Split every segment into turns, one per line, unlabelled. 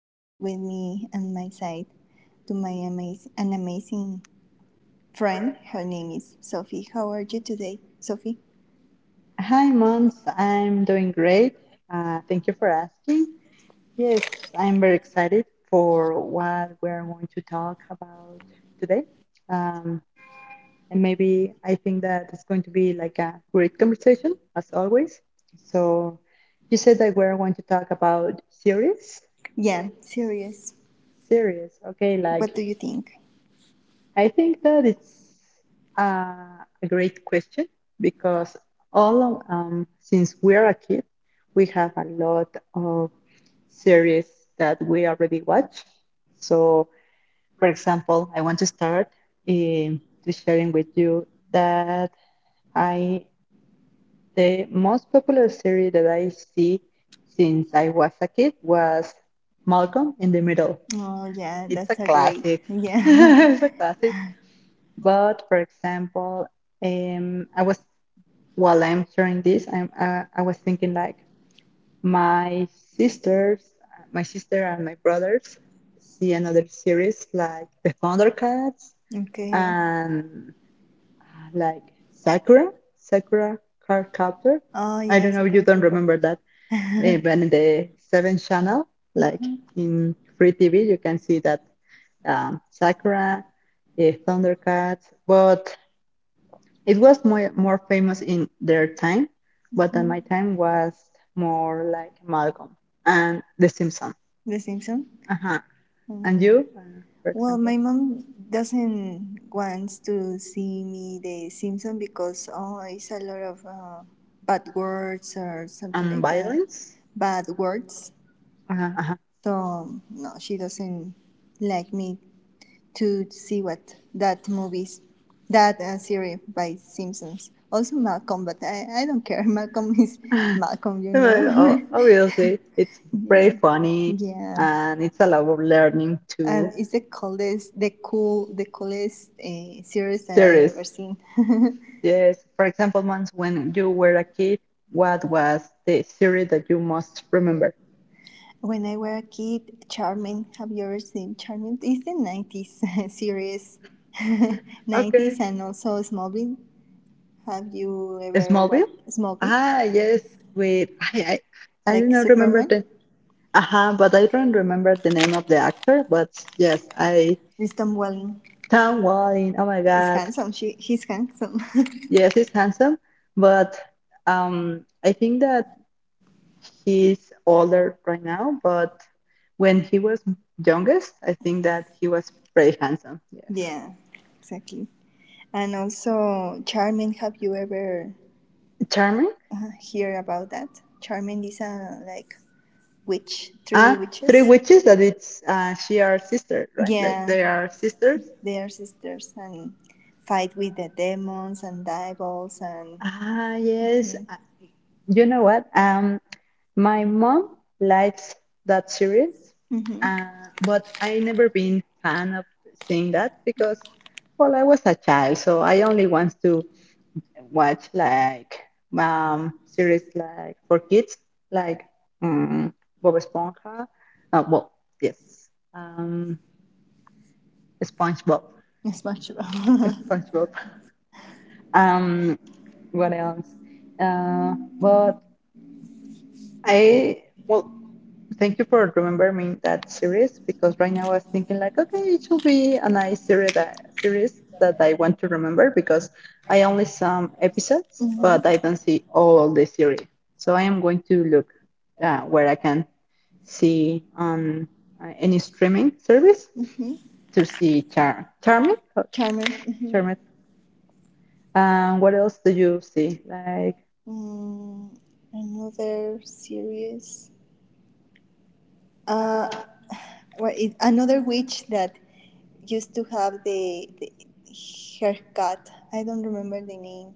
I have with me on my side to my amazing an amazing friend. Her name is Sophie. How are you today, Sophie?
Hi, Mons. I'm doing great. Thank you for asking. Yes, I'm very excited for what we're going to talk about today. Um, and maybe I think that it's going to be like a great conversation, as always. So, you said that we're going to talk about series?
Yeah, serious.
Series, okay, like
What do you think?
I think that it's a great question because since we are a kid, we have a lot of series that we already watch. So, for example, I want to start to sharing with you that I the most popular series that I see since I was a kid was Malcolm in the Middle.
Oh yeah,
It's a
that's a great.
classic.
Yeah.
It's a classic but for example, I was while I'm sharing this, I was thinking like my sisters, my sister and my brothers see another series like the Thundercats
Okay.
and like Sakura, Sakura Card Captor.
Oh
I
yeah,
don't
it's
know,
a
you
great.
don't remember that, but in the seventh channel, like in free TV, you can see that Sakura, Thundercats, but it was more famous in their time, but at my time was more like Malcolm and The Simpsons.
The Simpson.
Uh-huh. And for
Well,
example,
my mom doesn't want to see me The Simpsons because oh, it's a lot of bad words or something like that.
violence.
Bad words.
Uh-huh, uh-huh.
So no, she doesn't like me to see what that movies, that series by Simpsons. Also Malcolm, but I don't care. Malcolm is Malcolm.
Well, obviously, it's very
Yeah,
funny
yeah.
and it's a lot of learning
Um,
too.
it's the coolest series that I
Series,
ever seen.
yes. For example, once when you were a kid, what was the series that you most remember?
When I were a kid, Charming. Have you ever seen Charming? It's the '90s series,
Okay.
'90s, and also Smallville. Have you ever
Smallville?
watched Smallville?
Ah, yes, with I I, I do
Like
not remember
Superman.
the but I don't remember the name of the actor, but yes, I
It's Tom Welling.
Tom Welling. Oh my
He's
God.
handsome. He's handsome.
Yes, he's handsome, but I think that he's older right now, but when he was youngest, I think that he was pretty handsome. Yes.
Yeah, exactly. And also Charming. Have you ever
Charming.
hear about that? Charming is a like witch, three
Ah, Three
witches.
Witches that it's she are sister, right? Like they are
Yeah,
sisters.
they are sisters and fight with the demons and devils and.
Ah, yes.
Mm-hmm.
I- You know what? My mom likes that series,
Mm-hmm.
uh, but I never been fan of seeing that because, well, I was a child, so I only want to watch like series like for kids, like um, Bob Esponja. Well, yes, um, SpongeBob,
SpongeBob.
SpongeBob. Um, what else? Uh, but I well, thank you for remembering that series because right now I was thinking like, okay, it should be a nice series series that I want to remember because I only some episodes,
Hmm.
but I don't see all the series. So I am going to look where I can see on any streaming service
Hmm.
to see Charming. Or
Charmer. Hmm.
Charming. What else do you see? Like
Mm, Another series. Uh, well, another witch that used to have the haircut. I don't remember the name.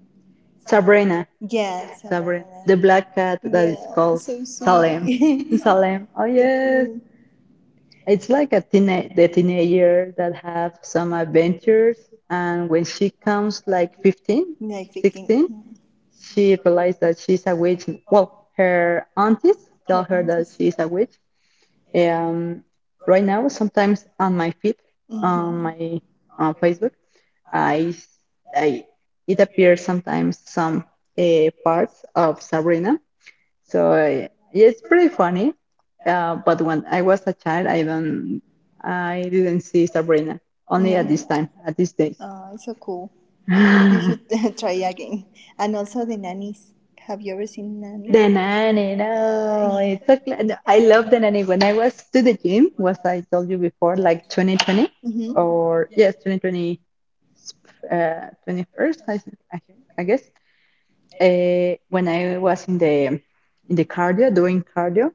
Sabrina.
Yeah,
Sabrina. The black
Sabrina.
cat that is
Yeah,
called
so
Salem.
sweetie. So
Salem. Oh yes.
cool.
It's like a teenage the teenager that have some adventures and when she comes like 15,
Like fixing.
16,
Mm-hmm.
she realized that she's a witch. Well, her aunties tell
Her
her that
aunties.
she's a witch. Um right now sometimes on my feed on
Hmm.
my on Facebook I, I it appears sometimes some parts of Sabrina. So yeah, it's pretty funny. But when I was a child, I didn't see Sabrina.
You
Only
know,
at this time, at this days.
oh, it's so cool. You should try again. And also the nannies. Have you ever seen
The
nannies?
nanny, no,
Yeah.
it's so cla- I love the nanny. When I was to the gym, was I told you before, like 2020
Hmm.
or yes, 2020, uh, 21st, I guess. When I was in the cardio doing cardio,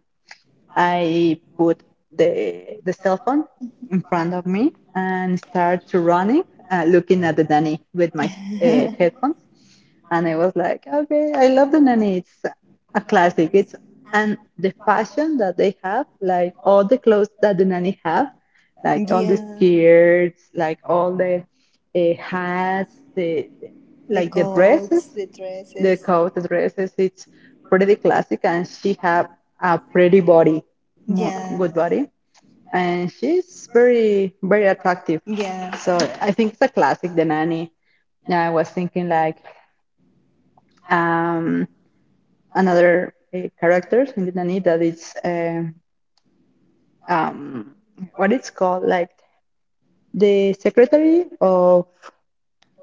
I put the cell phone in front of me and start to running, looking at the nanny with my headphones, and I was like, okay, I love the nanny. It's a classic. It's and the fashion that they have, like all the clothes that the nanny have, like all the Mhm,
Yeah.
skirts, like all the hats, the
The
like the dresses,
coats, the
the
dresses.
coat dresses it's pretty classic and she have a pretty body
Yeah.
good body and she's very attractive
Yeah.
so I think it's a classic, the nanny. Yeah, I was thinking like um another character in the nanny that it's um what it's called like the secretary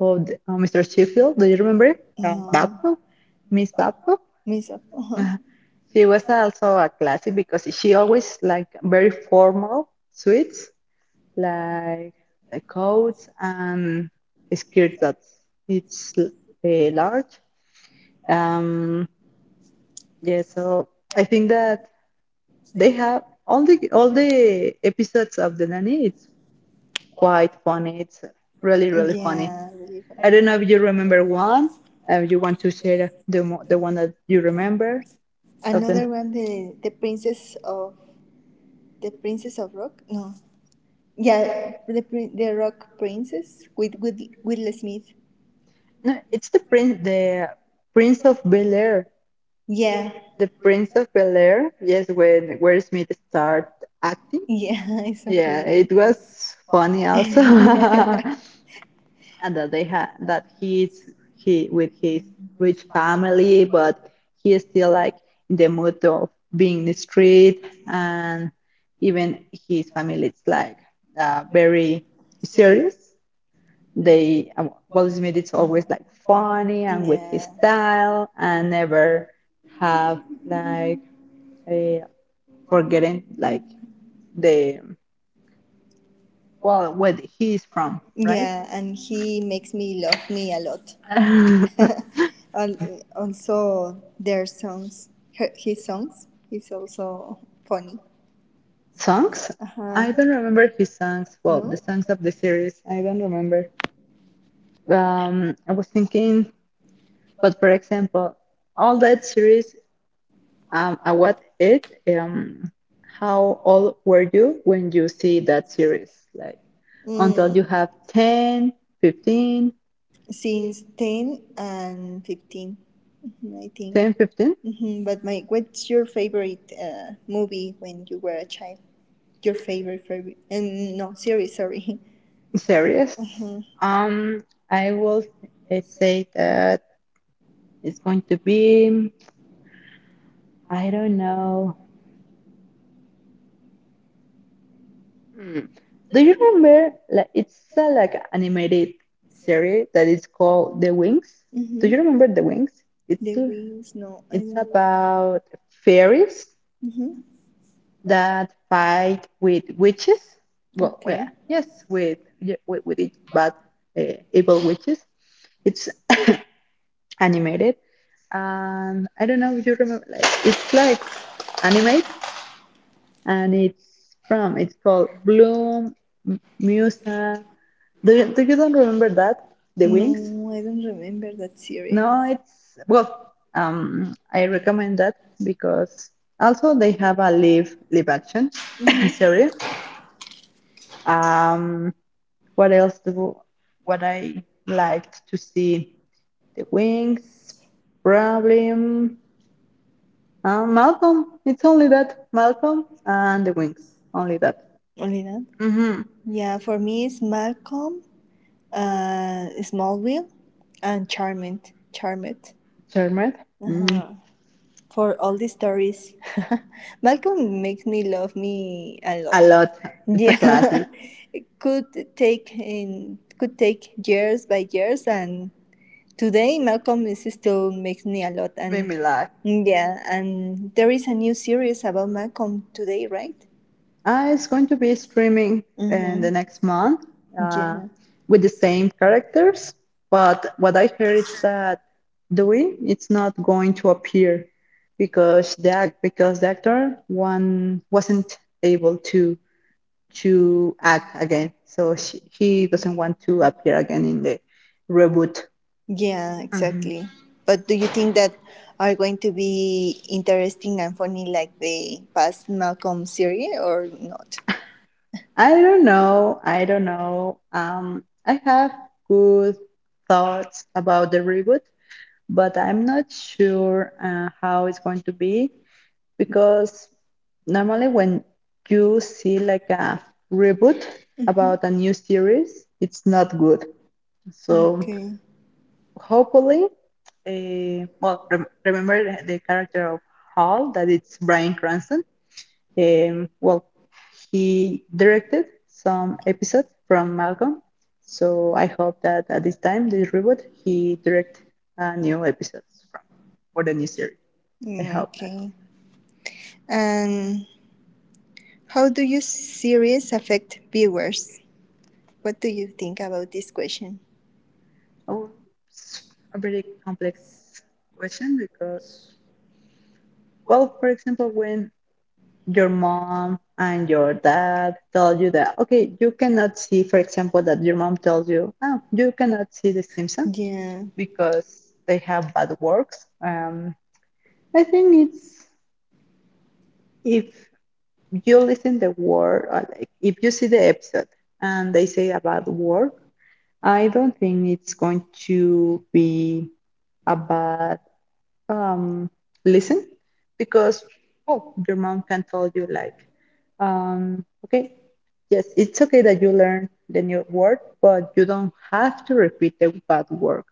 of the- Mr. Sheffield, do you remember
No.
Babcock, Miss Babcock.
Miss.
Uh, She was also a classic because she always like very formal suits, like coats and skirts that it's large. Um, yeah, so I think that they have all the episodes of the nanny. It's quite funny. It's really funny.
Yeah. Really
I don't know
funny.
if you remember one. You want to share the one that you remember of the
Another one, the princess of the princess of rock. No. Yeah, the Rock Princess with Will Smith.
No, it's the Prince of Bel Air.
Yeah,
The Prince of Bel Air. Yes, when Will Smith started acting.
yeah. It's a
Yeah, it
funny.
was funny also, and that they had that he with his rich family, but he is still like in the mood of being in the street, and even his family is like very serious. They Walt Smith is always like funny and with his
Yeah,
style and never have like a forgetting like the well where he's from, right?
yeah, and he makes me love me a lot. And also, their songs, his songs, is also funny.
Songs?
Uh
I don't
huh.
remember his songs. Well, the
No.
songs of the series, I don't remember. I was thinking, but for example, all that series um, at what age? How old were you when you see that series? Like until you
Mm.
have 10, 15,
Since 10 and 15, mhm, I think.
10, 15
Hmm. But my, what's your favorite movie when you were a child? Your favorite favorite? And no, series. Sorry.
series. Um, I will say that it's going to be, I don't know. Hmm. Do you remember? Like it's like an animated series that is called The Wings. Do you
Hmm.
remember The Wings?
The
It's
Wings. No, I
it's
don't.
about fairies
Hmm.
that fight with witches. Well,
Okay.
yes, with it, but evil witches. It's animated, and I don't know if you remember. Like it's like anime, and it's called Bloom Musa. Do you don't remember that the wings?
No, I don't remember that series.
No, it's well. I recommend that because also they have a live action series. Um, what else do what I liked to see? The Wings, probably Malcolm. It's only that Malcolm and the Wings, only that.
Only that.
Mm-hmm.
Yeah, for me it's Malcolm, Smallville, and Charmed. Charmed.
Mm,
Uh-huh. For all the stories. Malcolm makes me love me a lot.
a lot. It's a
Yeah,
classic.
it could take years by years, and today Malcolm is still makes me a lot.
Made
And
me laugh.
yeah, and there is a new series about Malcolm today, right?
It's going to be streaming in
Mm-hmm.
the next month uh,
Yeah.
with the same characters. But what I heard is that Dewey it's not going to appear because the actor one wasn't able to act again, so he doesn't want to appear again in the reboot.
Yeah,
Yeah. Mhm.
exactly. But do you think that are going to be interesting and funny like the past Malcolm series or not?
I don't know. I don't know. I have good thoughts about the reboot but I'm not sure how it's going to be because normally when you see like a reboot about a new series, it's not good. So
Okay.
hopefully, well, remember the- character of Hall that it's Bryan Cranston. Well, he directed some episodes from Malcolm, so I hope that at this time, this reboot, he direct a new episodes from for the new series. I
Mm,
hope not.
okay. Um, how do your series affect viewers? What do you think about this question?
Oh, it's a very complex question because, well, for example, when your mom and your dad tell you that, okay, you cannot see, for example, that your mom tells you, oh, you cannot see The Simpsons
Yeah.
because they have bad works. I think it's if you listen the word, or like if you see the episode and they say about work, I don't think it's going to be a bad um, listen because oh, your mom can tell you like, okay, yes, it's okay that you learn the new word, but you don't have to repeat the bad word,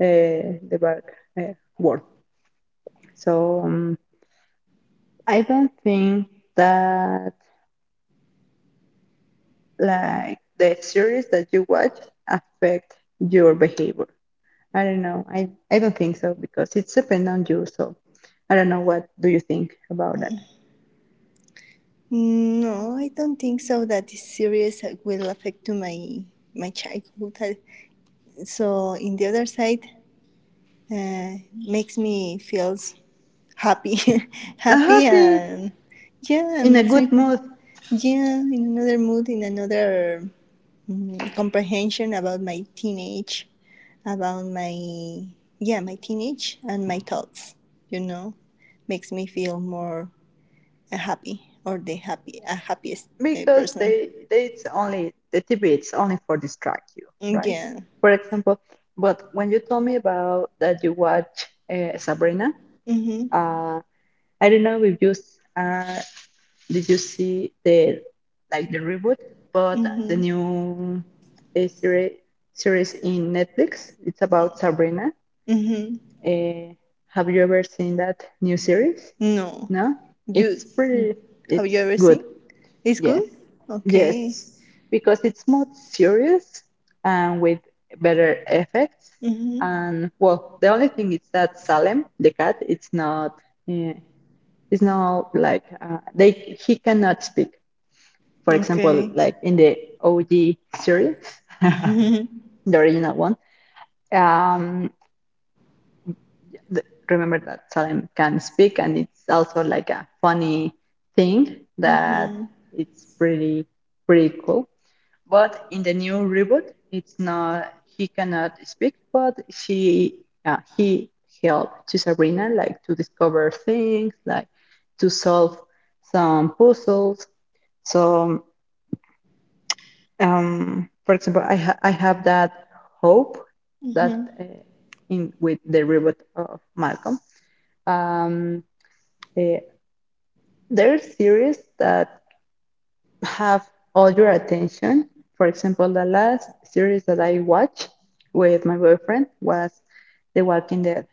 the bad uh, word. So I don't think that like the series that you watch affect your behavior. I don't know. I don't think so because it's depend on you. So I don't know what do you think about that.
No, I don't think so that this series will affect to my childhood. So in the other side, makes me feels happy,
I'm
happy
happy
and yeah,
in a
makes me
good mood
yeah in another mood, in another comprehension about my teenage, about my yeah my teenage and my thoughts. You know, makes me feel more happy or the happy a happiest
because
person.
they it's only the TV. It's only for distract you, right?
Yeah.
For example, but when you told me about that you watch Sabrina,
Mhm.
uh, I don't know if you s- did you see the like the reboot, but the
Mhm.
new uh, series series in Netflix. It's about Sabrina.
Mhm.
Uh, have you ever seen that new series?
No.
No?
You
It's pretty,
have
it's
you ever
good.
seen? It's
Yes.
good. Okay.
Yes. Because it's more serious and with better effects.
Mhm.
And well, the only thing is that Salem, the cat, uh, it's not like, he cannot speak. For example,
Okay.
like in the OG series, the
Mhm.
original one. Um, remember that Salem can speak, and it's also like a funny thing that
Mhm.
it's pretty cool. But in the new reboot, it's not he cannot speak, but she he helped to Sabrina like to discover things, like to solve some puzzles. So, for example, I have that hope
Mhm.
that in with the reboot of Malcolm um, eh, there are series that have all your attention. For example, the last series that I watched with my boyfriend was The Walking Dead.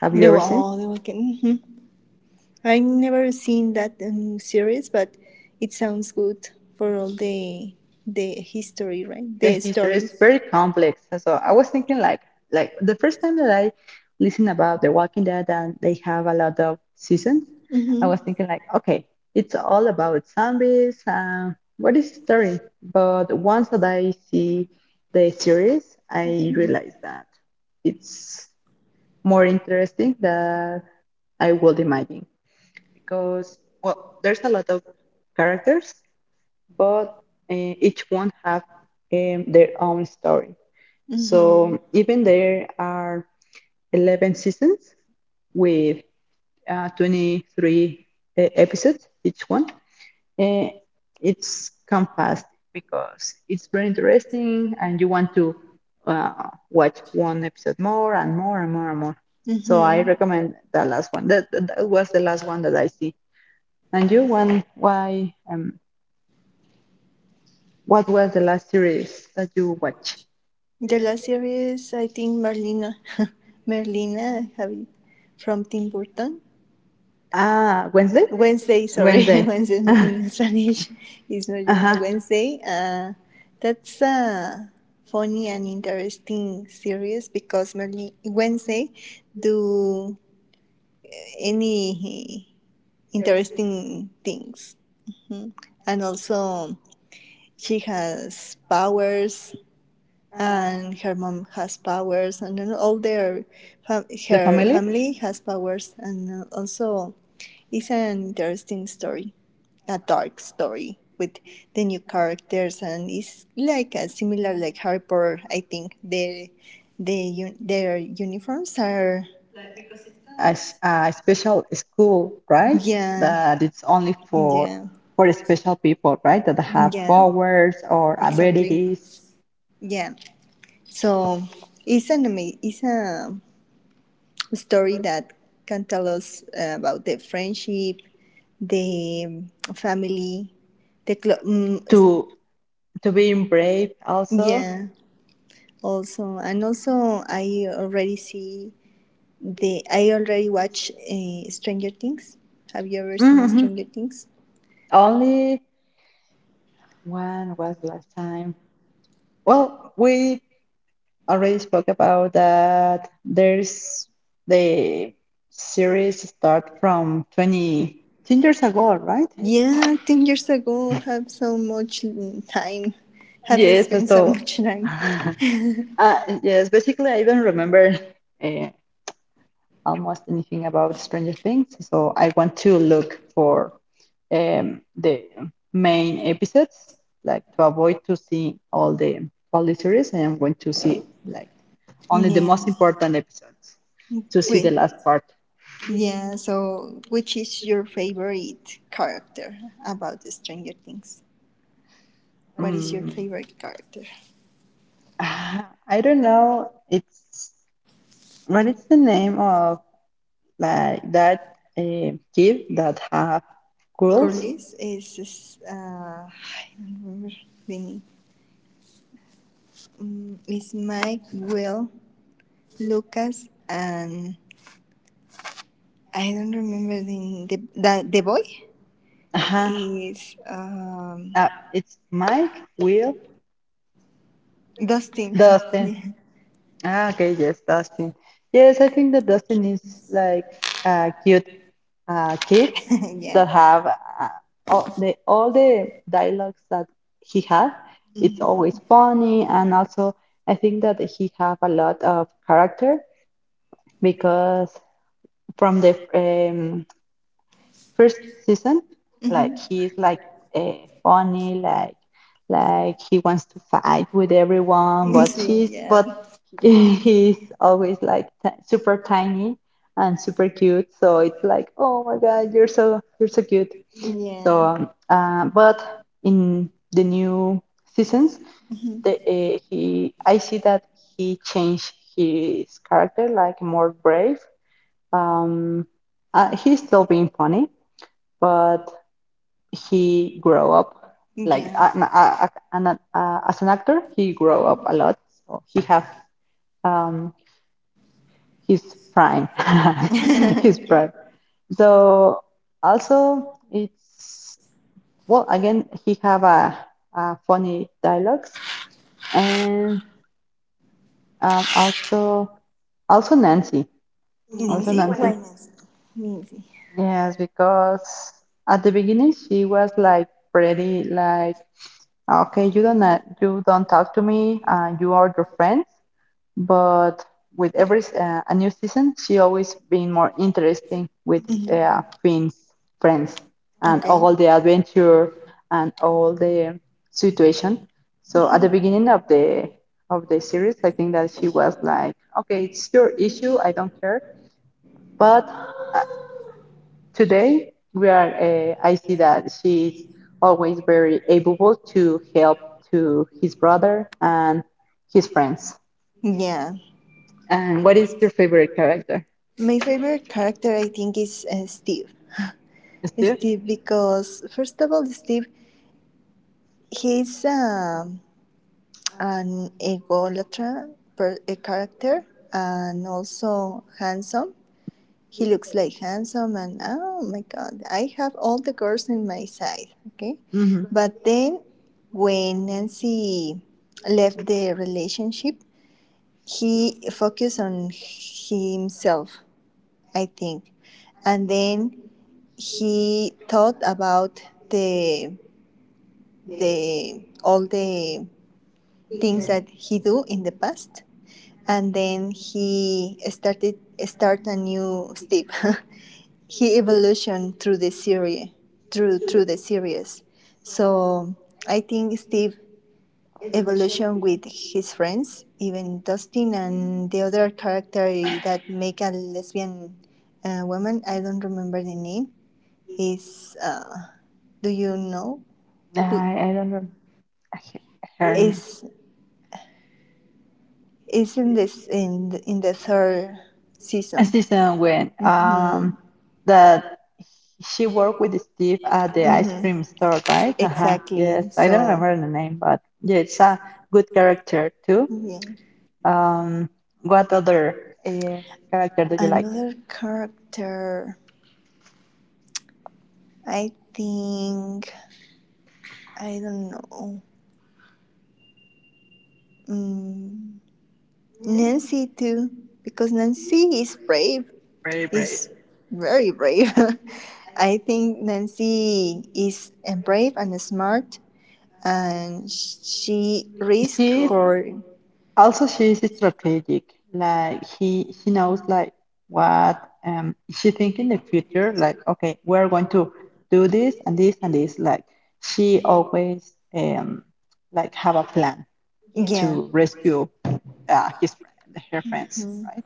Have you
They
ever
were
seen?
all they were. getting, I've never seen that series, but it sounds good for all the history, right?
The
The
history is
stories.
very complex. So I was thinking like the first time that I listened about The Walking Dead and they have a lot of seasons, I
Mhm.
was thinking like, okay, it's all about zombies. What is the story? But once that I see the series, I
Mhm.
realize that it's more interesting than I would imagine because, well, there's a lot of characters, but each one have their own story. So even there are 11 seasons with 23 episodes each one. Uh, it's come fast because it's very interesting and you want to uh, watch one episode more and more and more and more. So
Mhm.
I recommend the last one. That was the last one that I see. And you, one, why? What was the last series that you watched?
The last series, I think Merlina, Merlina, I have it from Tim Burton.
Ah, Wednesday.
Wednesday, sorry,
Wednesday.
Wednesday
uh
in Spanish is Merlina
huh.
Wednesday. That's a funny and interesting series because Merlin Wednesday do any interesting things. Hmm. And also, she has powers, and her mom has powers, and all their
The
her
family.
family has powers, and also it's an interesting story, a dark story with the new characters, and it's like a similar like Harry Potter. I think the their uniforms are.
Like, because it's a, a special school, right? That
Yeah,
it's only for
yeah,
special people, right? That have
yeah,
powers or
exactly,
abilities
yeah. So it's a story that can tell us about the friendship, the family, the
to being brave also.
yeah. Also, and also, I already watch Stranger Things. Have you ever seen
Hmm.
Stranger Things?
Only when was last time? Well, we already spoke about that. There's the series start from 20 10 years ago, right?
Yeah, 10 years ago, have so much time, have
Yes,
spent so
so
much time.
Uh, yes, basically, I don't remember uh, almost anything about Stranger Things, so I want to look for the main episodes, like to avoid to see all the series, and I'm going to see like only the most
Yeah.
important episodes to see the
Wait.
last part.
Yeah, so which is your favorite character about the Stranger Things? What is your
Mm,
favorite character?
ah, I don't know. It's what is the name of like that kid that have curls?
Curly's is. I don't remember the name. It's Mike, Will, Lucas, and I don't remember the boy is
It's Mike, Will,
Dustin.
Dustin.
Yeah,
Ah, okay, yes, Dustin. Yes, I think that Dustin is like a cute kid
yeah.
that have all the dialogues that he had. It's always
Mhm.
funny, and also I think that he have a lot of character because from the first season, like
Mhm.
he's like uh, funny like he wants to fight with everyone, but she's
Sí,
but
yeah,
he's always like super tiny and super cute, so it's like, oh my god, you're so cute. So
yeah.
but in the new seasons,
Mhm.
he I see that he changed his character like more brave, um he's still being funny, but he grow up like
Yeah,
as an actor he grow up a lot, so he have um, his prime. His prime.
yeah.
So also it's, well, again, he have a funny dialogues and also nancy. also
Nancy?
nancy
Why Nancy? Nancy.
yes, because at the beginning she was like pretty like, ah, okay, you don't talk to me. You are your friends, but with every a new season, she always been more interesting with
Mhm.
Finn's friends and
Okay.
all the adventure and all the situation. So at the
Mhm.
beginning of the series, I think that she was like, okay, it's your issue. I don't care, but. uh, Today we are I see that she's always very able to help to his brother and his friends.
Yeah.
And what is your favorite character?
My favorite character, I think, is Steve.
Steve.
Steve, because first of all, Steve, he's an egolatra a character and also handsome. He looks like handsome, and oh my god, I have all the girls in my side, okay?
Hmm.
But then when Nancy left the relationship, he focused on himself, I think, and then he thought about the the all the things that he do in the past, and then he started start a new step. He evolution through the series, through the series. So I think Steve evolution with his friends, even Dustin and the other character that make a lesbian woman. I don't remember the name. Is do you know who
I don't know her n-
is is in this in the third
a
season?
season when
Mhm.
that she worked with Steve at the ice
Mhm.
cream store, right? Uh-huh, yes,
Exactly.
I don't
So,
remember the name, but yeah, it's a good character too.
yeah,
Um, what other uh, character do you like?
another character. I think I don't know. Mm, Nancy too, because Nancy is brave,
Very brave.
is very brave. I think Nancy is brave and smart, and she risk
She
for.
Also, she's strategic. Like he she knows like what she think in the future. Like, okay, we're going to do this and this and this. Like she always like have a plan
Yeah.
to rescue her friends,
Mhm.
right?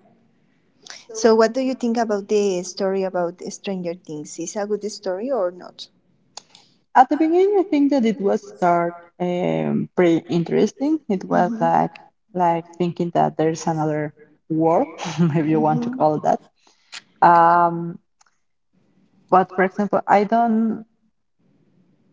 So, what do you think about the story about Stranger Things? Is a good story or not?
At the beginning, I think that it was start pretty interesting. It was
Hmm.
like thinking that there's another world, if you want to
Hmm.
call it that. Um, but for example, I don't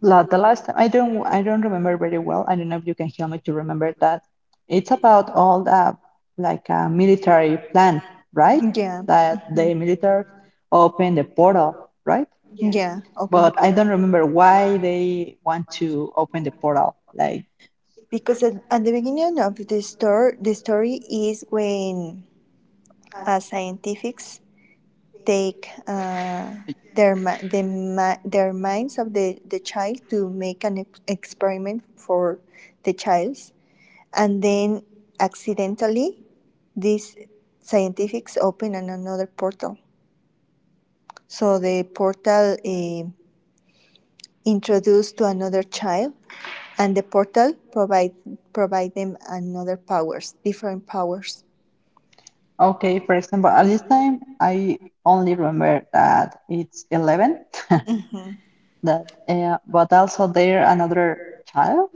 la the last time I don't remember very well. I don't know if you can help me to remember that. It's about all the a military plan, right?
Yeah.
That
Hmm.
the military open the portal, right?
Yeah. Open the
But I don't
portal.
remember why they want to open the portal. Like,
Because at the beginning of the story, is when scientists take their minds of the child to make an experiment for the child, and then accidentally, these scientists open another portal. So the portal introduced to another child, and the portal provide them another powers, different powers.
okay, for example, at this time, I only remember that it's 11, that, but also there another child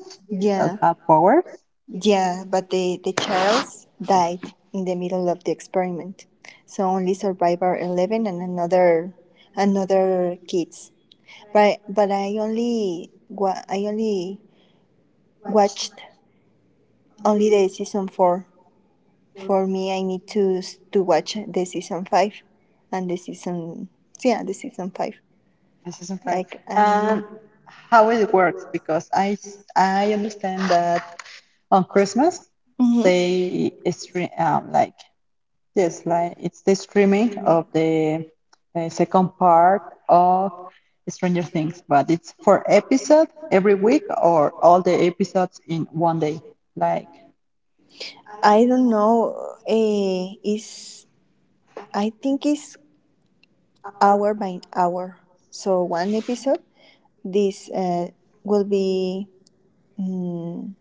that
Yeah,
have powers
yeah, but the child died in the middle of the experiment. So only survived are 11 and another kids. But I only watched only the season 4. For me I need to watch the season 5 and the season, yeah, the season 5.
in season five.
Like I.
And how it works, because I understand that on Christmas,
Mhm.
they stream, like, yes, like it's the streaming of the second part of Stranger Things, but it's for episode every week or all the episodes in one day. Like.
I don't know. Is I think it's hour by hour. So one episode, this will be mm,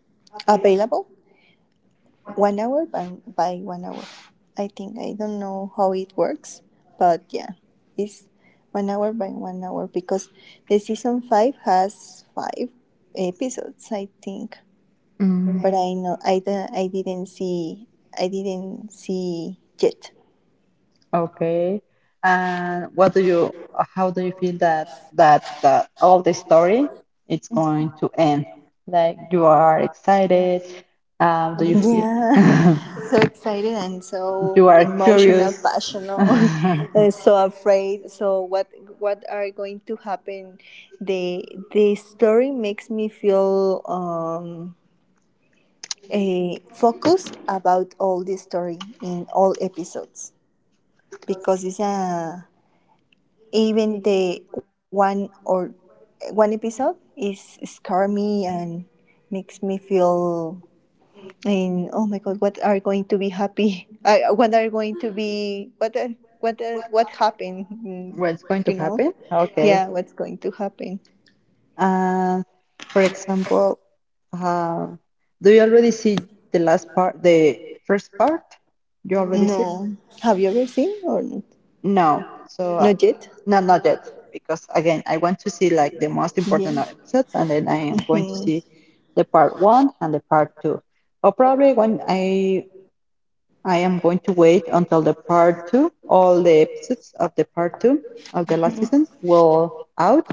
available one hour by one hour. I think I don't know how it works, but yeah, it's one hour by one hour because the season 5 has 5 episodes, I think.
Mm.
But I know I didn't see yet.
Okay, and what do you? How do you feel that that all the story it's going to end? Like you are excited. Do you feel
Yeah, so excited and so
you are
emotional,
curious?
passionate, and so afraid. So what are going to happen? The story makes me feel a focus about all the story in all episodes because it's a even the one episode is scare me and makes me feel. And oh my God, what are going to be happy? What are going to be what happened?
What's going to
You know,
happen? Okay.
yeah, what's going to happen?
Uh, for example, uh, do you already see the last part, the first part? You already see it?
No, have you ever seen or not?
No. No. So
Not yet.
no, not yet. Because again, I want to see like the most
Yeah.
important episodes, and then I am going to
Hmm.
see the part one and the part two. Or probably when I am going to wait until the part two, all the episodes of the part two of the last season will out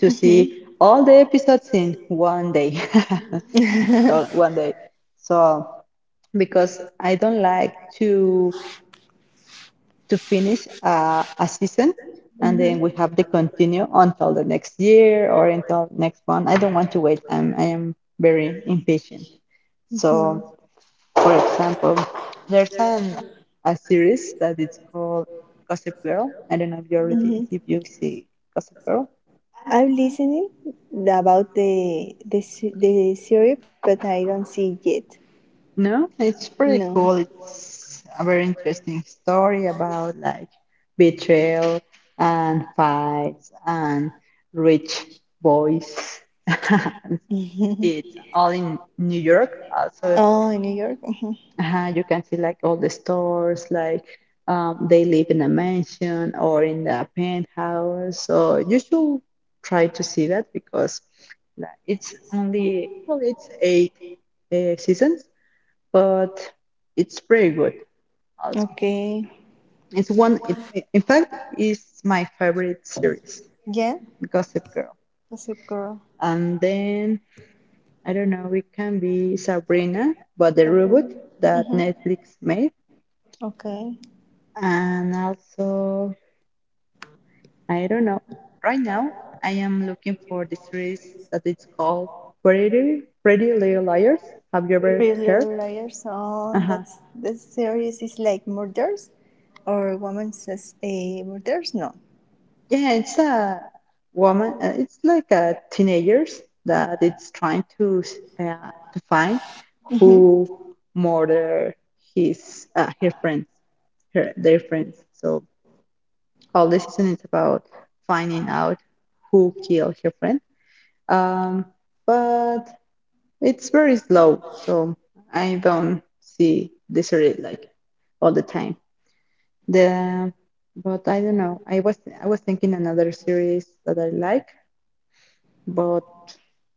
to
Hmm.
see all the episodes in one day. So, one day. So because I don't like to finish a season and then we have to continue until the next year or until next one. I don't want to wait. I am very impatient.
Hmm.
So for example, there's an a series that it's called Gossip Girl. I don't know if you already if you see Gossip Girl.
I'm listening about the series, but I don't see it yet.
No, it's pretty
No.
cool. It's a very interesting story about like betrayal and fights and rich boys. It's all in New York. Also,
Oh, in New York? Mhm.
you can see like all the stores, like they live in a mansion or in the penthouse. So you should try to see that because, like, it's only, well, it's eight seasons, but it's pretty good also.
Okay.
It's one, in fact, it's my favorite series,
Yeah?
Gossip Girl.
Gossip Girl.
And then, I don't know, it can be Sabrina, but the robot
Something?
that
Mm-hmm.
Netflix made.
Okay.
And also, I don't know, right now I am looking for the series that it's called Pretty, Pretty Little Liars. Have you ever
Pretty
heard?
Little Liars. Oh,
Uh-huh.
this series is like murders or woman says a murders? No.
Yeah, it's a woman. It's like a teenagers that it's trying to to find
Mm-hmm.
who murdered his her friends, her their friends. So all the season is about finding out who killed her friend. Um, but it's very slow, so I don't see the series like all the time. The But I don't know. I was thinking another series that I like, but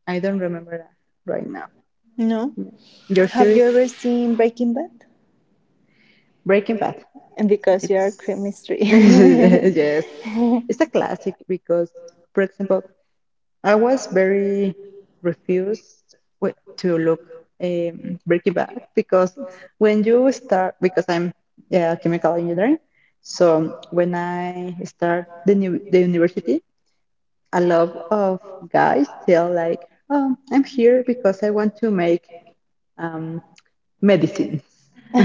I don't remember that right now.
No.
Yeah. Your
Have you
series,
ever seen Breaking Bad?
Breaking Bad.
And because you are
It's
crime mystery.
yes, it's a classic because, for example, I was very refused to look Breaking Bad, because when you start, because I'm yeah, chemical engineering, so when I start the university, a lot of guys tell like, oh, I'm here because I want to make um, medicines,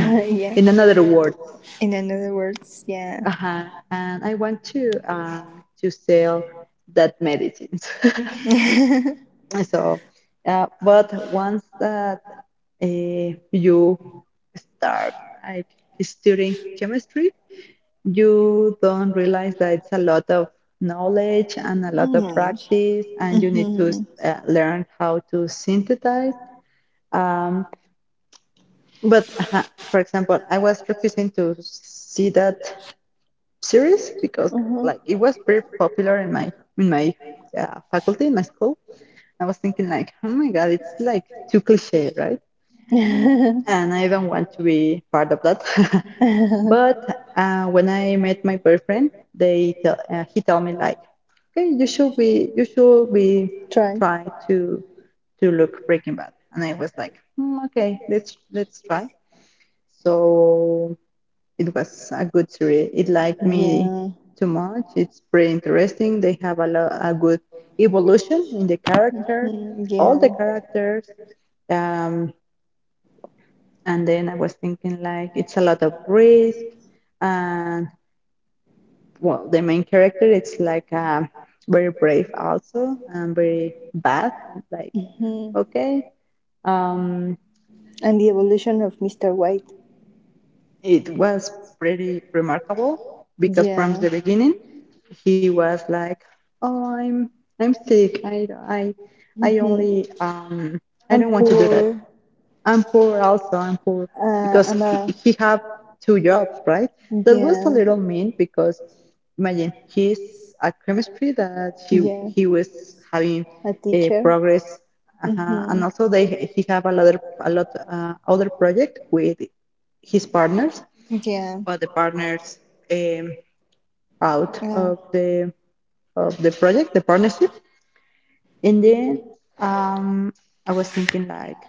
in another words.
In another words, yeah.
Uh-huh. And I want to sell that medicines. So, but once that you start like studying chemistry, you don't realize that it's a lot of knowledge and a lot of
Mm-hmm.
practice, and you need to learn how to synthesize um, but for example, I was refusing to see that series because
Hmm.
like it was very popular in my in my faculty in my school. I was thinking like, oh my god, it's like too cliche, right? And I don't want to be part of that. But when I met my boyfriend, they tell he tell me like, okay, you should be
Try.
trying to look Breaking Bad, and I was like, "Mm, okay, let's try." So it was a good series. It liked me
Yeah.
too much. It's pretty interesting. They have a good evolution in the character,
Mm,
all the
yeah.
characters. Um, and then I was thinking like it's a lot of risk, and well, the main character it's like very brave also and very bad. And like,
Mhm.
okay, um,
And the evolution of Mr. White.
it was pretty remarkable because from
Yeah.
the beginning he was like, oh, I'm sick, I am sick, I
Hmm.
only I
I'm
don't want to do that.
poor.
I'm poor, also, I'm poor, because
I'm a,
he have two jobs, right? That was a
yeah,
little mean, because imagine he's a chemistry that
yeah,
he was having
a
a
teacher.
progress,
Hmm.
and also they he have a lot of, a lot other project with his partners,
Yeah.
other partners, um, out
Uh,
of the project, the partnership. And then um, I was thinking like,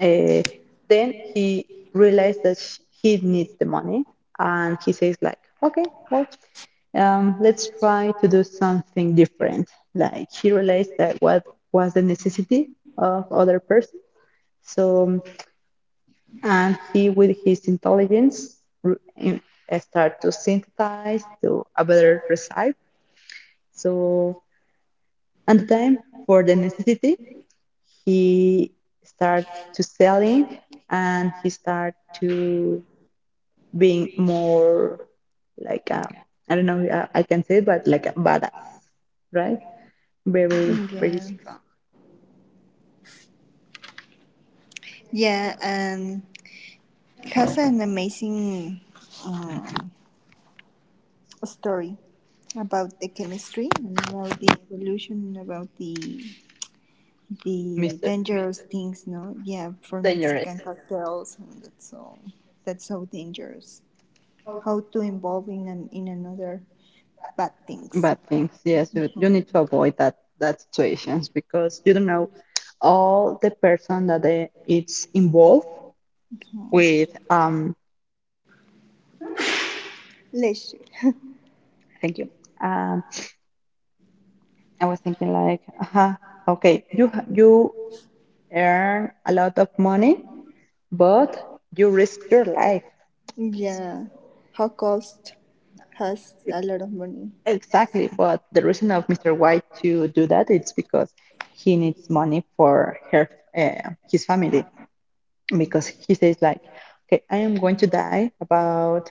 uh, then he realized that he needs the money, and he says like, okay, well, let's try to do something different. Like he realized that what was the necessity of other person. So and he with his intelligence start to synthesize to a better result. So, and time for the necessity, he start to selling and he start to being more like I don't know I can say but like a badass, right? Very
yeah.
strong,
Yeah. And it has an amazing um, story about the chemistry and about the evolution and about the
Mister
dangerous things. No, yeah, for Mexican
Dangerous.
cocktails, and that's so dangerous. How to involve in another bad things.
Bad things, yes. You
Mhm,
need to avoid that situations because you don't know all the person that they, it's involved
mhm.
with.
Leisure.
Thank you. Uh, I was thinking like, uh okay, you earn a lot of money, but you risk your life. So
Yeah, how cost has
it,
a lot of money.
exactly, but the reason of Mr. White to do that it's because he needs money for her his family because he says like, okay, I am going to die about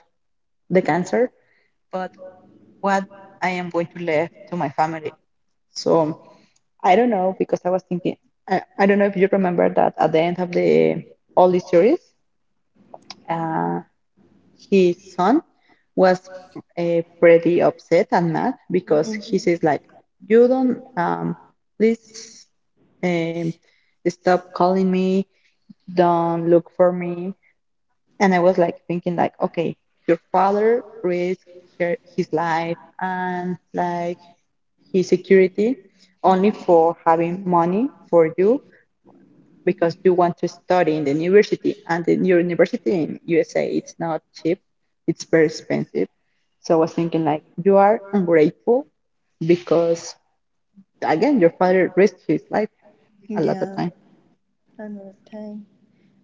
the cancer, but what I am going to leave to my family. So. I don't know because I was thinking. I don't know if you remember that at the end of the all the series, uh, his son was pretty upset and mad because he
Mhm.
says like, "You don't please um, stop calling me. Don't look for me." And I was like thinking like, "Okay, your father risked her, his life and like his security only for having money for you because you want to study in the university and the university in USA it's not cheap, it's very expensive, so I was thinking like you are ungrateful because again your father risked his life a lot of
Yeah,
time,
another time.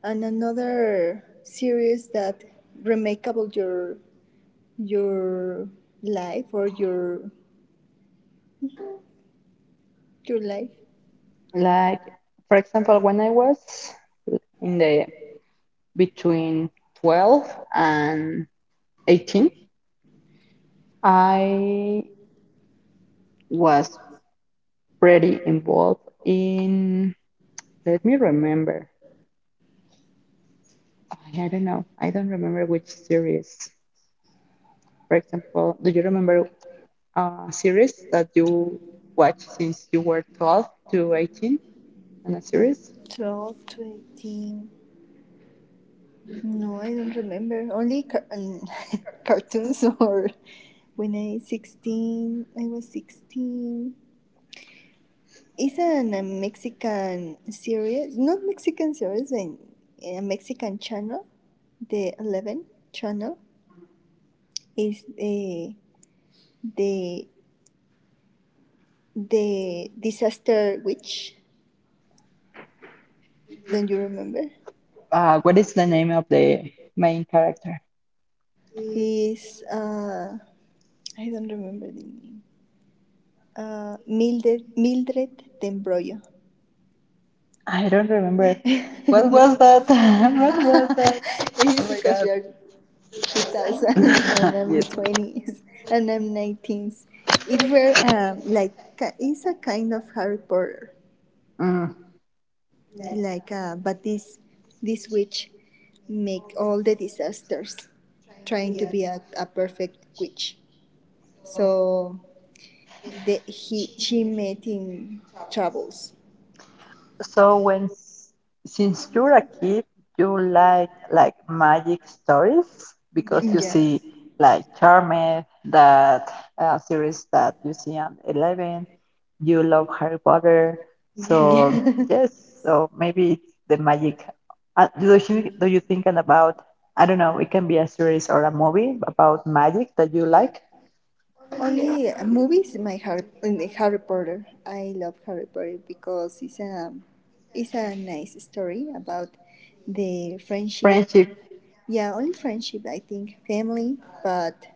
And another series that remakable your life or your life.
like for example when I was in the between 12 and 18, I was pretty involved in, let me remember, I don't know, I don't remember which series. For example, do you remember a series that you watched since you were 12 to 18 on a series?
12 to 18. No, I don't remember. Only cartoons or when I 16, I was 16. It's a Mexican series, not Mexican series, a Mexican channel, the 11 channel. Is the the disaster witch. Don't you remember?
What is the name of the main character?
Is I don't remember the name. Mildred Tembroyo.
I don't remember. What
No,
was that? What was that?
it is
Oh my
because you
God.
are 2000 and I'm
Yes.
20s and I'm 19s. It were like it's a kind of Harry Potter,
Mm.
like but this witch make all the disasters trying to be a perfect witch. So he she met in travels.
so when s- since you're a kid you like magic stories because you Yes.
Yeah,
see like Charmed, that series that you see on 11, you love Harry Potter, so
yeah.
Yeah. Yes, so maybe it's the magic. Do you think about, I don't know, it can be a series or a movie about magic that you like.
Only movies. My Harry Potter. I love Harry Potter because it's a nice story about the friendship.
Friendship.
Yeah, only friendship. I think family, but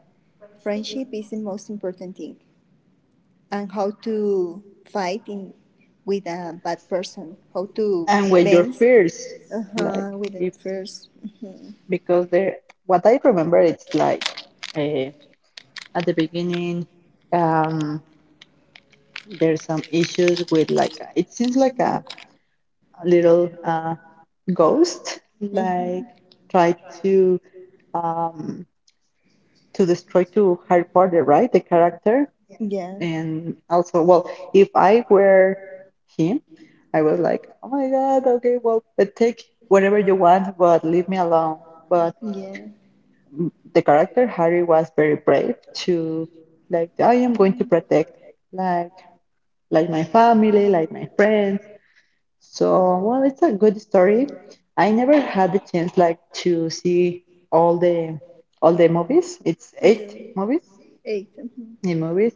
friendship is the most important thing, and how to fight in with a bad person. How to
And with your
bend,
fears, like,
uh-huh, with it
if,
first. Mm-hmm.
because there, what I remember it's like, uh, at the beginning um, there's some issues with, like it seems like a little ghost like
Mm-hmm.
tried um, to destroy to Harry Potter, right, the character.
Yeah.
And also, well, if I were him, I was like, oh my god, okay, well, take whatever you want but leave me alone. But
Yeah.
the character Harry was very brave to, like, I am going to protect, like like my family, like my friends. So well, it's a good story. I never had the chance like to see all the all the movies. It's
Hello.
eight movies.
Eight. Mhm.
Eight movies.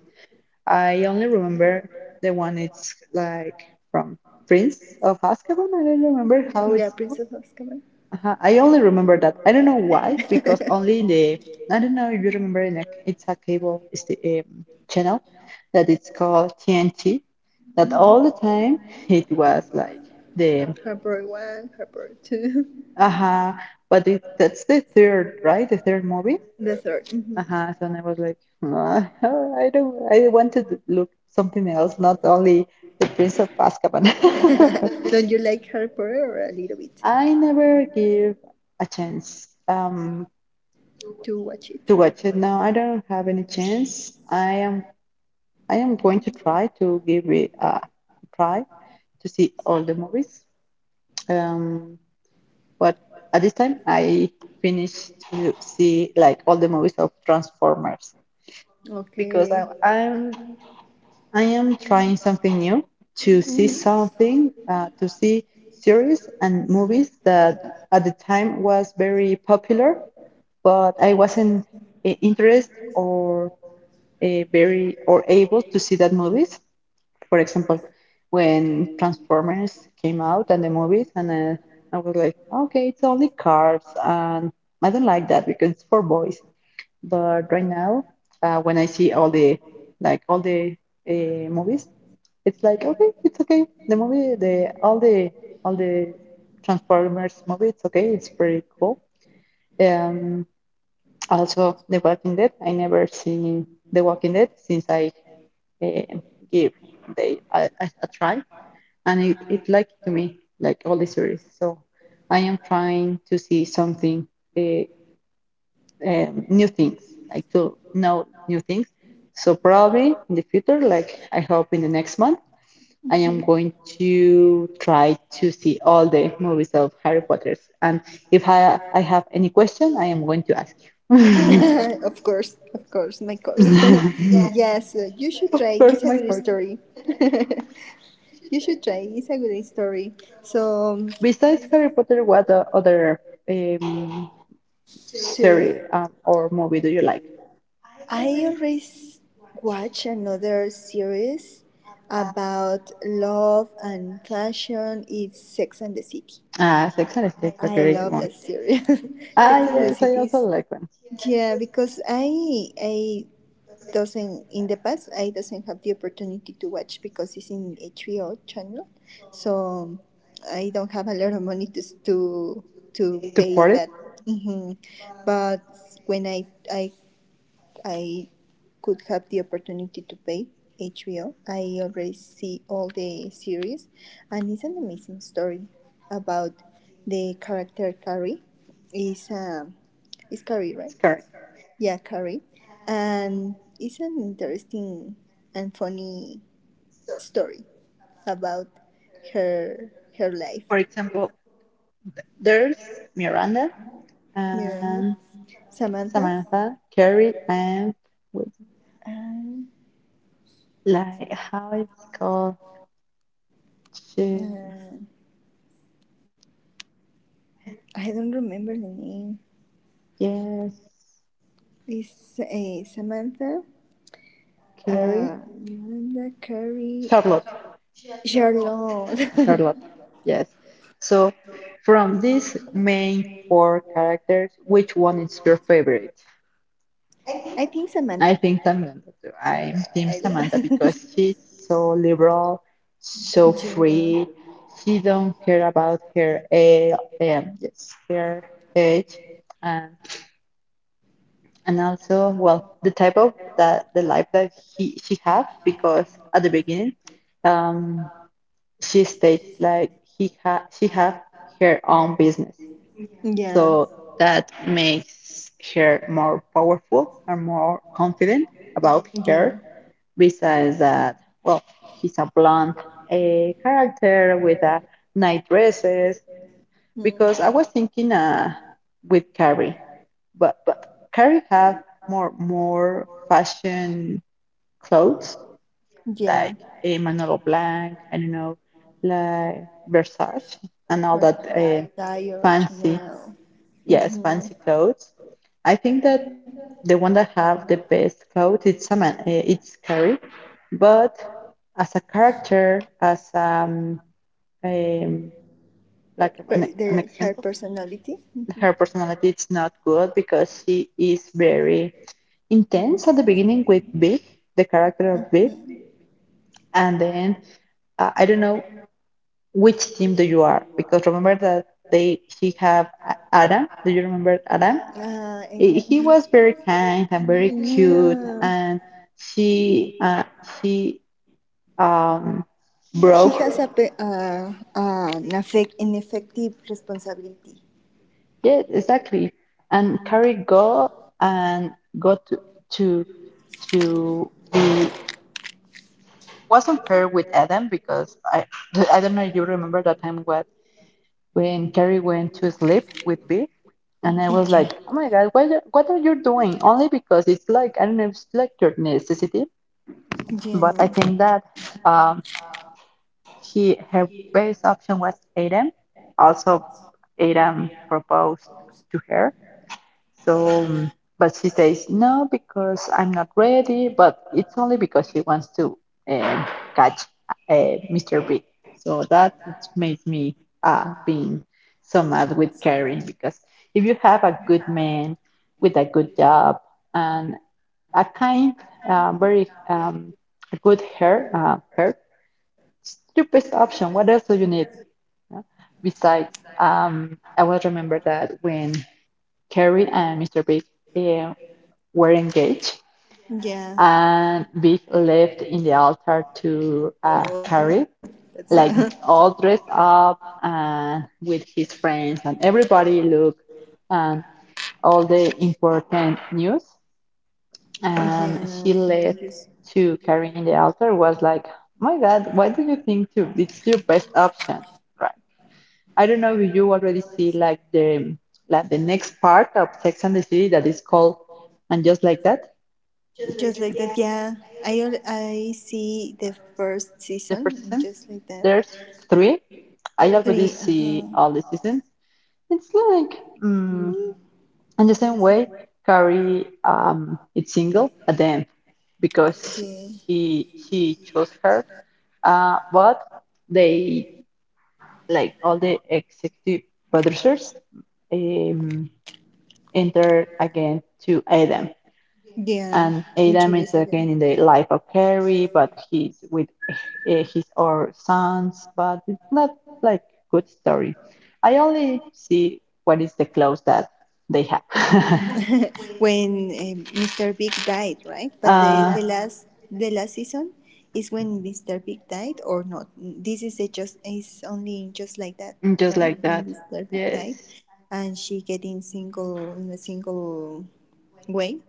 I only remember the one, it's like from Prince of Azkaban. I don't remember how
Yeah,
it's
Princess of Azkaban.
uh-huh. I only remember that. I don't know why, because only in the I don't know if you remember in a, it's a cable, it's the, channel that it's called TNT. That all
Mhm.
the time it was like the
Harper one, Harper two,
uh-huh, but it, that's the third, right? The third movie.
the third do.
Uh-huh. So and I was like, "Nah, I don't. I wanted to look something else, not only the Prince of Azkaban.
Don't you like Harper or a little bit
I never give a chance.
to watch it?
To watch it now. I don't have any chance. I am going to try to give it a try to see all the movies. Um, but at this time, I finished to see like all the movies of Transformers because
Okay.
I am trying something new to see
Mhm.
something to see series and movies that at the time was very popular, but I wasn't interested or very or able to see that movies. For example, when Transformers came out and the movies, and I was like, okay, it's only cars, and I don't like that because it's for boys. But right now, when I see all the like all the movies, it's like okay, it's okay. The movie, the all the all the Transformers movie, it's okay. It's pretty cool. Um, Also, The Walking Dead. I never seen The Walking Dead since I uh, give they a try, and it like to me like all the series. So I am trying to see something uh, new things, like to know new things. So probably in the future, like I hope in the next month, I am
Mhm.
going to try to see all the movies of Harry Potter's. And if I I have any question, I am going to ask you.
Of course, of course, my course.
Yes.
Yes, you should
Of
try.
course,
It's a
my
good
question.
story. You should try. It's a good story. So,
Besides Harry Potter, what other um,
Siri,
series or movie do you like?
I always watch another series about love and fashion. It's Sex and the City.
Ah, Sex and the City is a
I
great
love
one.
that series.
Ah,
Sex and the
yes, I
City.
also like one.
Yeah, because I doesn't in the past I doesn't have the opportunity to watch because it's in HBO channel, so I don't have a lot of money to
To
pay
for it,
that. hmm But when I could have the opportunity to pay HBO, I already see all the series, and it's an amazing story about the character Carrie. Is um, is Carrie,
it's
right?
correct.
Yeah, Carrie. And it's an interesting and funny story about her life.
For example, there's Miranda
Remember
and
Samantha?
Samantha, Carrie, and with,
Um,
like how it's called. She,
uh, I don't remember the name.
yes,
It's Samantha,
Carrie,
uh, Yolanda, Carrie,
Charlotte.
Charlotte.
Charlotte. Yes. So, from these main four characters, which one is your favorite?
I think
I
Samantha.
think Samantha. Too.
Yeah,
I'm Team
I
Samantha because
love.
she's so liberal, so
Yeah,
free. She don't care about her age, yes, her age, and and also well the type of that the life that he she have because at the beginning, um, she states like he ha she have her own business.
yeah,
So that makes her more powerful and more confident about
yeah.
her. Besides that, well, he's a blonde character with a night dresses. Because I
Mm,
was thinking with Carrie, but Carrie have more fashion clothes,
yeah.
like a Manolo Blahnik, I don't know, like Versace and all that
Uh-huh. Dire
fancy
Chanel.
Yes,
Mhm.
fancy clothes. I think that the one that have the best clothes, it's a man, eh, it's Carrie. But as a character, as um like
But
an
the her
example,
personality. Mhm.
her personality is not good because she is very intense at the beginning with Big, the character of Big,
Mhm.
and then I don't know which team do you are because remember that they she have Adam. Do you remember Adam?
Ah,
Eh,
Adam.
he was very kind and very cute,
Yeah.
and she uh, she um,
He
broke.
has a pe- an effect an effective responsibility.
Yeah, exactly. And Carrie go and go to to be wasn't fair with Adam because I don't know if you remember that time what when Carrie went to sleep with B and I was
Yeah.
like, oh my God, what, what are you doing? Only because it's like, I don't know, it's like your necessity. But I
Yeah.
think that um. He her best option was Adam. Also, Adam proposed to her. So, but she says no because I'm not ready. But it's only because she wants to um catch Mr. B. So that made me being so mad with Carrie because if you have a good man with a good job and a kind, very good hair, hair stupidest option. What else do you need? Yeah. Besides, I will remember that when Carrie and Mr. Big uh, were engaged,
Yeah.
and Big left in the altar to
Oh,
Carrie,
yeah. That's
like
a
all dressed up and with his friends, and everybody looked and all the important news.
yeah,
And she left
contentious.
to Carrie in the altar was like, oh my God, why do you think to it's your best option? Right? I don't know if you already see like the next part of Sex and the City that is called And Just Like That,
Just like that. Yeah. I see the first
the first
season
season.
just like that.
There's three. I already
Three.
see all the seasons. It's like mm in the same way Carrie is single at the end because
Yeah.
he chose her. But they like all the executive producers. Um, Entered again to Adam.
Yeah,
And Adam is
introduce again.
again in the life of Carrie, but he's with eh, his or sons, but it's not like good story. I only see what is the clothes that they have.
When Mr. Big died, right? But
uh,
the last season is when Mr. Big died or not? This is a just is only just like that,
just
right?
like that.
When Mr. Big died,
Yes.
and she getting single in a single way,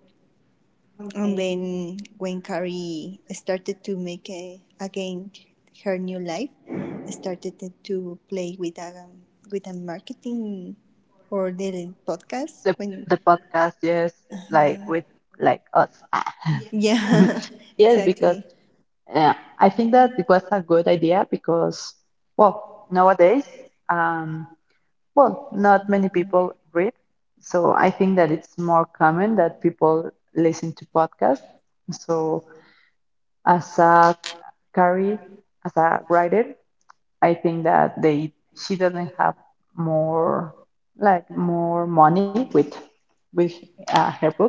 and then when Carrie started to make again her new life, started to play with a marketing or the podcast
The
when.
the podcast, yes, like with like us.
Yeah,
Yes, because
exactly.
yeah, I think that it was a good idea because, well, nowadays, um, well, not many people read. So I think that it's more common that people listen to podcasts. So as a career, as a writer, I think that they she doesn't have more like more money with her books,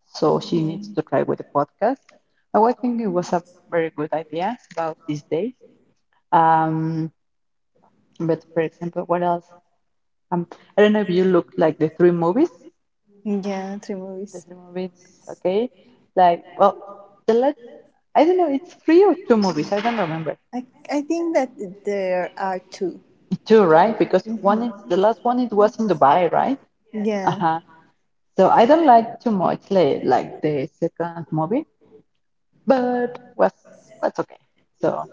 so she
Mhm.
needs to try with the podcast. So I think it was a very good idea about these days. Um, but for example, what else? Um, I don't know if you look like the three movies.
Yeah, three
The
movies.
three movies, okay? Like, well, the last I don't know. It's three or two movies. I don't remember.
I think that there are two.
Two, right? Because one
Mhm.
is the last one. It was in Dubai, right? Uh
Yeah,
huh. So I don't like too much like the second movie, but was okay. So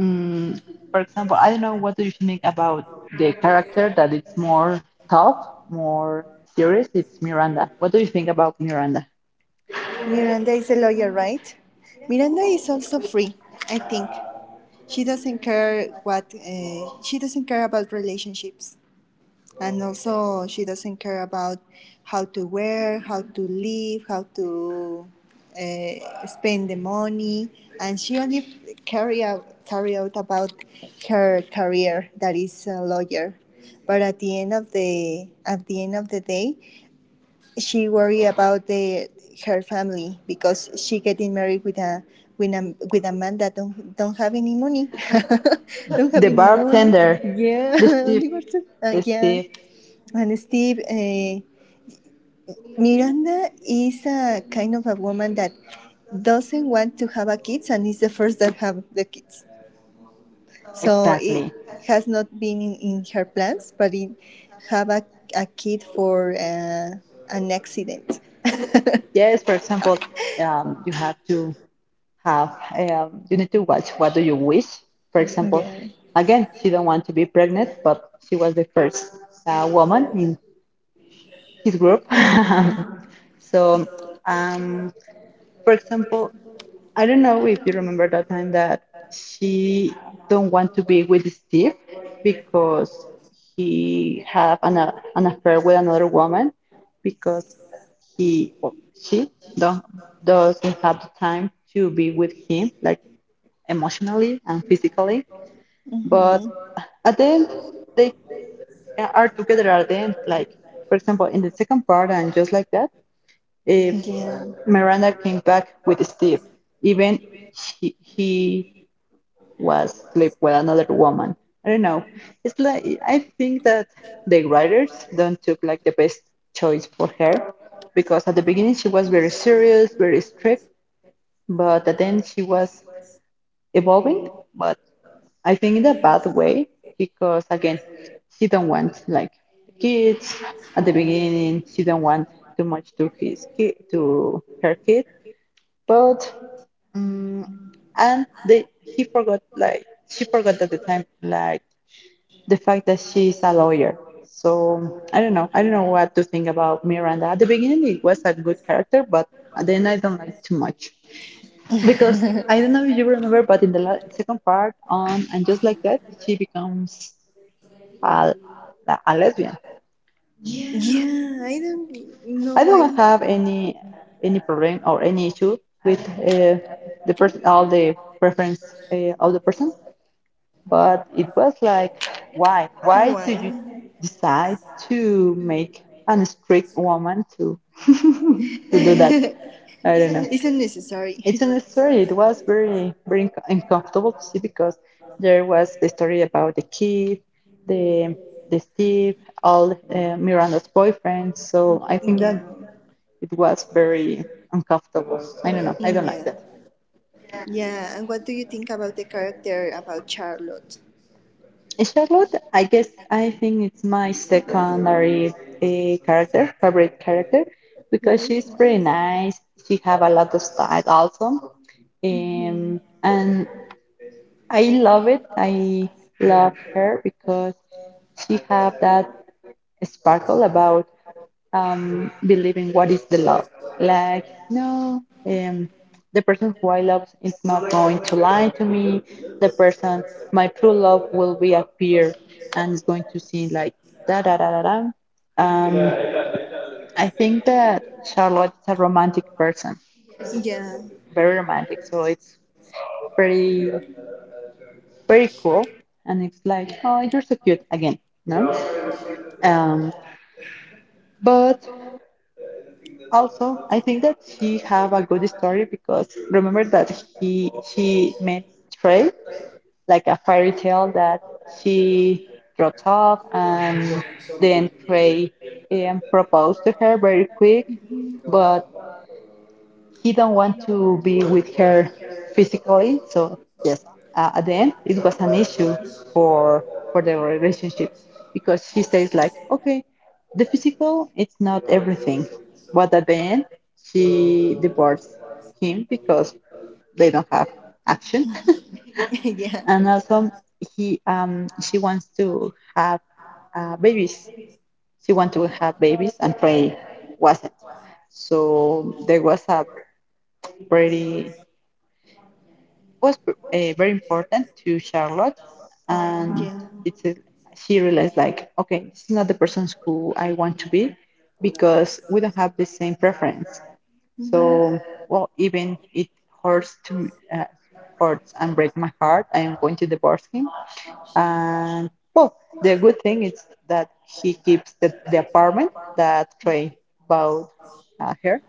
mm for example, I don't know what do you think about the character that it's more tough, more serious. It's Miranda. What do you think about Miranda?
Miranda is a lawyer, right? Miranda is also free, I think. She doesn't care about relationships. And also she doesn't care about how to wear, how to live, how to spend the money, and she only carry out about her career that is a lawyer. But at the end of the day, she worry about the her family because she getting married with a man that don't have any money, don't have
The
any money.
bartender,
Yeah,
the Steve,
only for two.
the
Yeah,
Steve.
and Steve, Miranda is a kind of a woman that doesn't want to have a kids and is the first that have the kids. So it
Exactly.
has not been in her plans, but it have a kid for an accident.
Yes, for example, you have to have you need to watch what do you wish for example
Yeah.
again she don't want to be pregnant but she was the first woman in his group so um, for example I don't know if you remember that time that she don't want to be with Steve because he have an affair with another woman because he or she don't, doesn't have the time to be with him like emotionally and physically. But
Hmm.
at the end, they are together at the end. Like, for example, in the second part, and just like that, if
Yeah.
Miranda came back with Steve, even he was sleep with another woman. I don't know. It's like I think that the writers don't took like the best choice for her because at the beginning she was very serious, very strict, but at the end she was evolving. But I think in a bad way because again, she don't want like kids at the beginning. She don't want too much to his kid to her kid, but um, and they he forgot like she forgot at the time like the fact that she's a lawyer. So I don't know. I don't know what to think about Miranda. At the beginning, it was a good character, but then I don't like too much because I don't know if you remember, but in the second part on and just like that, she becomes a, a lesbian.
Yeah, I don't know
I
why.
don't have any problem or any issue with the person, all the preference of the persons, but it was like, why do you
Why?
decide to make an strict woman to to do that?
It's
I don't know. It's
unnecessary.
a necessary. It was very, very uncomfortable to see because there was the story about the kid, the the Steve, all Miranda's boyfriend. So I think
Yeah.
that it was very uncomfortable. I don't know. I
Mm,
don't like that.
yeah. Yeah, and what do you think about the character about Charlotte?
And Charlotte, I guess I think it's my secondary character, favorite character,
The
because
right
she's pretty
one?
nice. She have a lot of style also,
Hmm.
and I love it. I love her because she have that sparkle about believing what is the love. Like, no, the person who I love is not going to lie to me. The person, my true love will reappear and is going to sing like da da da da da. Um, I think that Charlotte is a romantic person,
Yeah,
very romantic. So it's pretty. Very cool and it's like oh you're so cute again no um but also I think that she have a good story because remember that he she met Trey like a fairy tale that she dropped off and then Trey proposed to her very quick but he don't want to be with her physically. So yes, at the end it was an issue for for the relationship because she says like, okay, the physical it's not everything, but at the end she divorced him because they don't have action,
yeah,
and also he she wants to have babies. She wants to have babies, and Ray wasn't. So there was a pretty was very important to Charlotte, and
yeah.
it's a, she realized like, okay, this is not the person who I want to be because we don't have the same preference.
Hmm.
So, well, even it hurts to hurts and break my heart, I am going to divorce him. And well, the good thing is that he keeps the apartment that Trey bought her.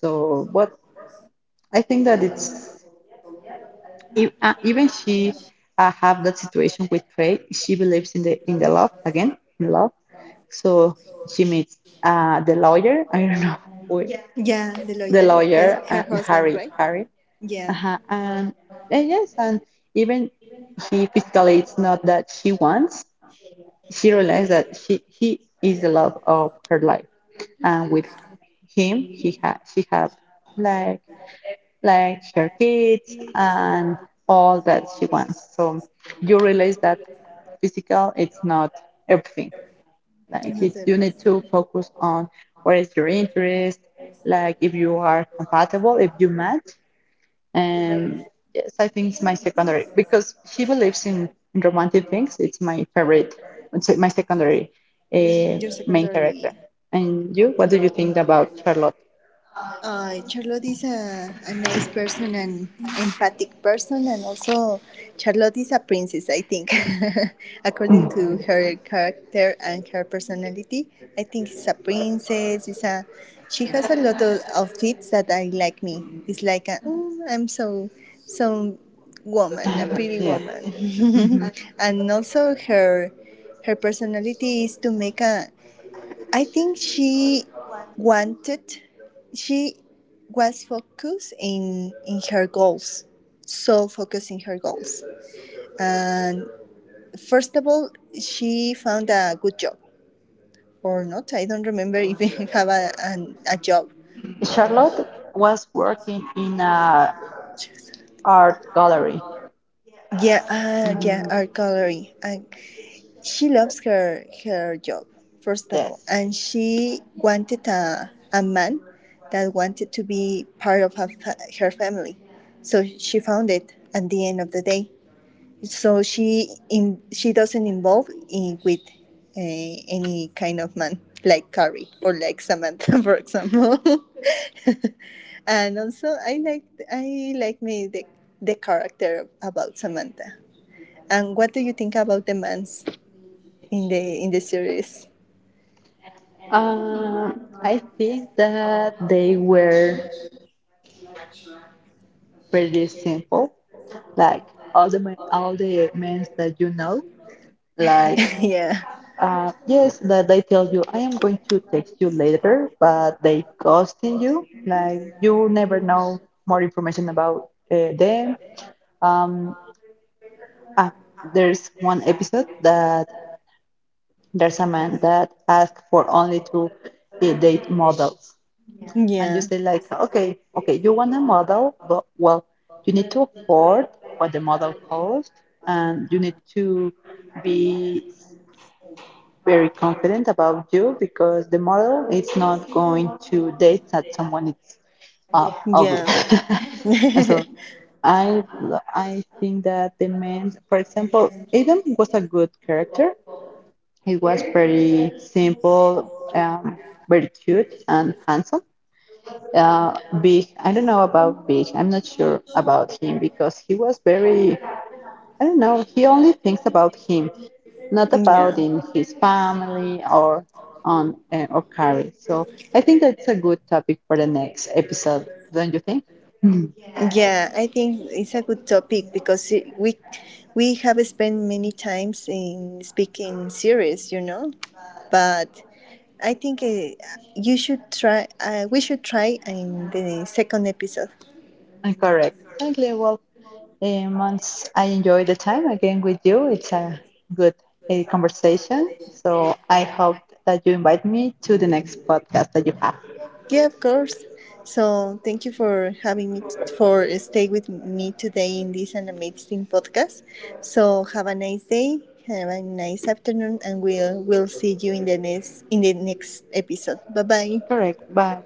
So, but I think that it's even she have that situation with Trey. She believes in the love again, in love. So she meets the lawyer. I don't know who, yeah.
Yeah, the
The
lawyer,
lawyer,
her husband,
Harry,
right?
Harry.
Yeah,
Uh-huh. And yes, and even he physically, it's not that she wants. She realized that she he is the love of her life, and with him, he ha she have like like her kids and all that she wants. So you realize that physical it's not everything.
it's
Like
not
it's you need
everything.
to focus on what is your interest, like if you are compatible, if you match. And yes, I think it's my secondary because she believes in romantic things. It's my favorite, it's my secondary uh,
Your
main character.
secondary.
And you, what do you
Okay.
think about Charlotte?
Charlotte is a nice person and empathic person, and also Charlotte is a princess, I think,
Mm.
according to her character and her personality. I think she's a princess. She has a lot of outfits that I like. Me, it's like a, "Mm, I'm so so woman, a pretty
Yeah. Hmm.
woman, and also her personality is to make a. I think wanted she was focused in her goals, so focused in her goals. And first of all, she found a good job or not. I don't remember if she have a job.
Charlotte was working in a art gallery.
Yeah, yeah,
Hmm.
art gallery. And she loves her job, first of all.
Yes.
And she wanted a man that wanted to be part of her family. So she found it at the end of the day. So she doesn't involve in, with any kind of man like Carrie or like Samantha, for example. And also, I like me the character about Samantha. And what do you think about the mans in the series?
Um, I think that they were pretty simple, like all the men that you know, like
Yeah.
yes, that they tell you I am going to text you later, but they ghosting you. Like you never know more information about them. Um, ah, there's one episode that there's a man that asks for only to date models. And you
Yeah.
say like, okay, okay, you want a model, but well, you need to afford what the model costs and you need to be very confident about you because the model is not going to date that someone is ugly.
Yeah.
So I I think that the man, for example, Adam was a good character. He was very simple, very cute and handsome. Big, I don't know about big. I'm not sure about him because he was very, I don't know, he only thinks about him, not about in
Yeah.
his family or on or career. So I think that's a good topic for the next episode, don't you think? Mm.
Yeah, I think it's a good topic because we have spent many times in speaking series. But I think you should try we should try in the second episode.
Correct. Exactly. Well, and once I enjoy the time again with you, it's a good conversation. So I hope that you invite me to the next podcast that you have.
Yeah, of course. So thank you for having me for stay with me today in this an amazing podcast. So have a nice day, have a nice afternoon, and we'll see you in the next episode. Bye bye.
Correct. Bye.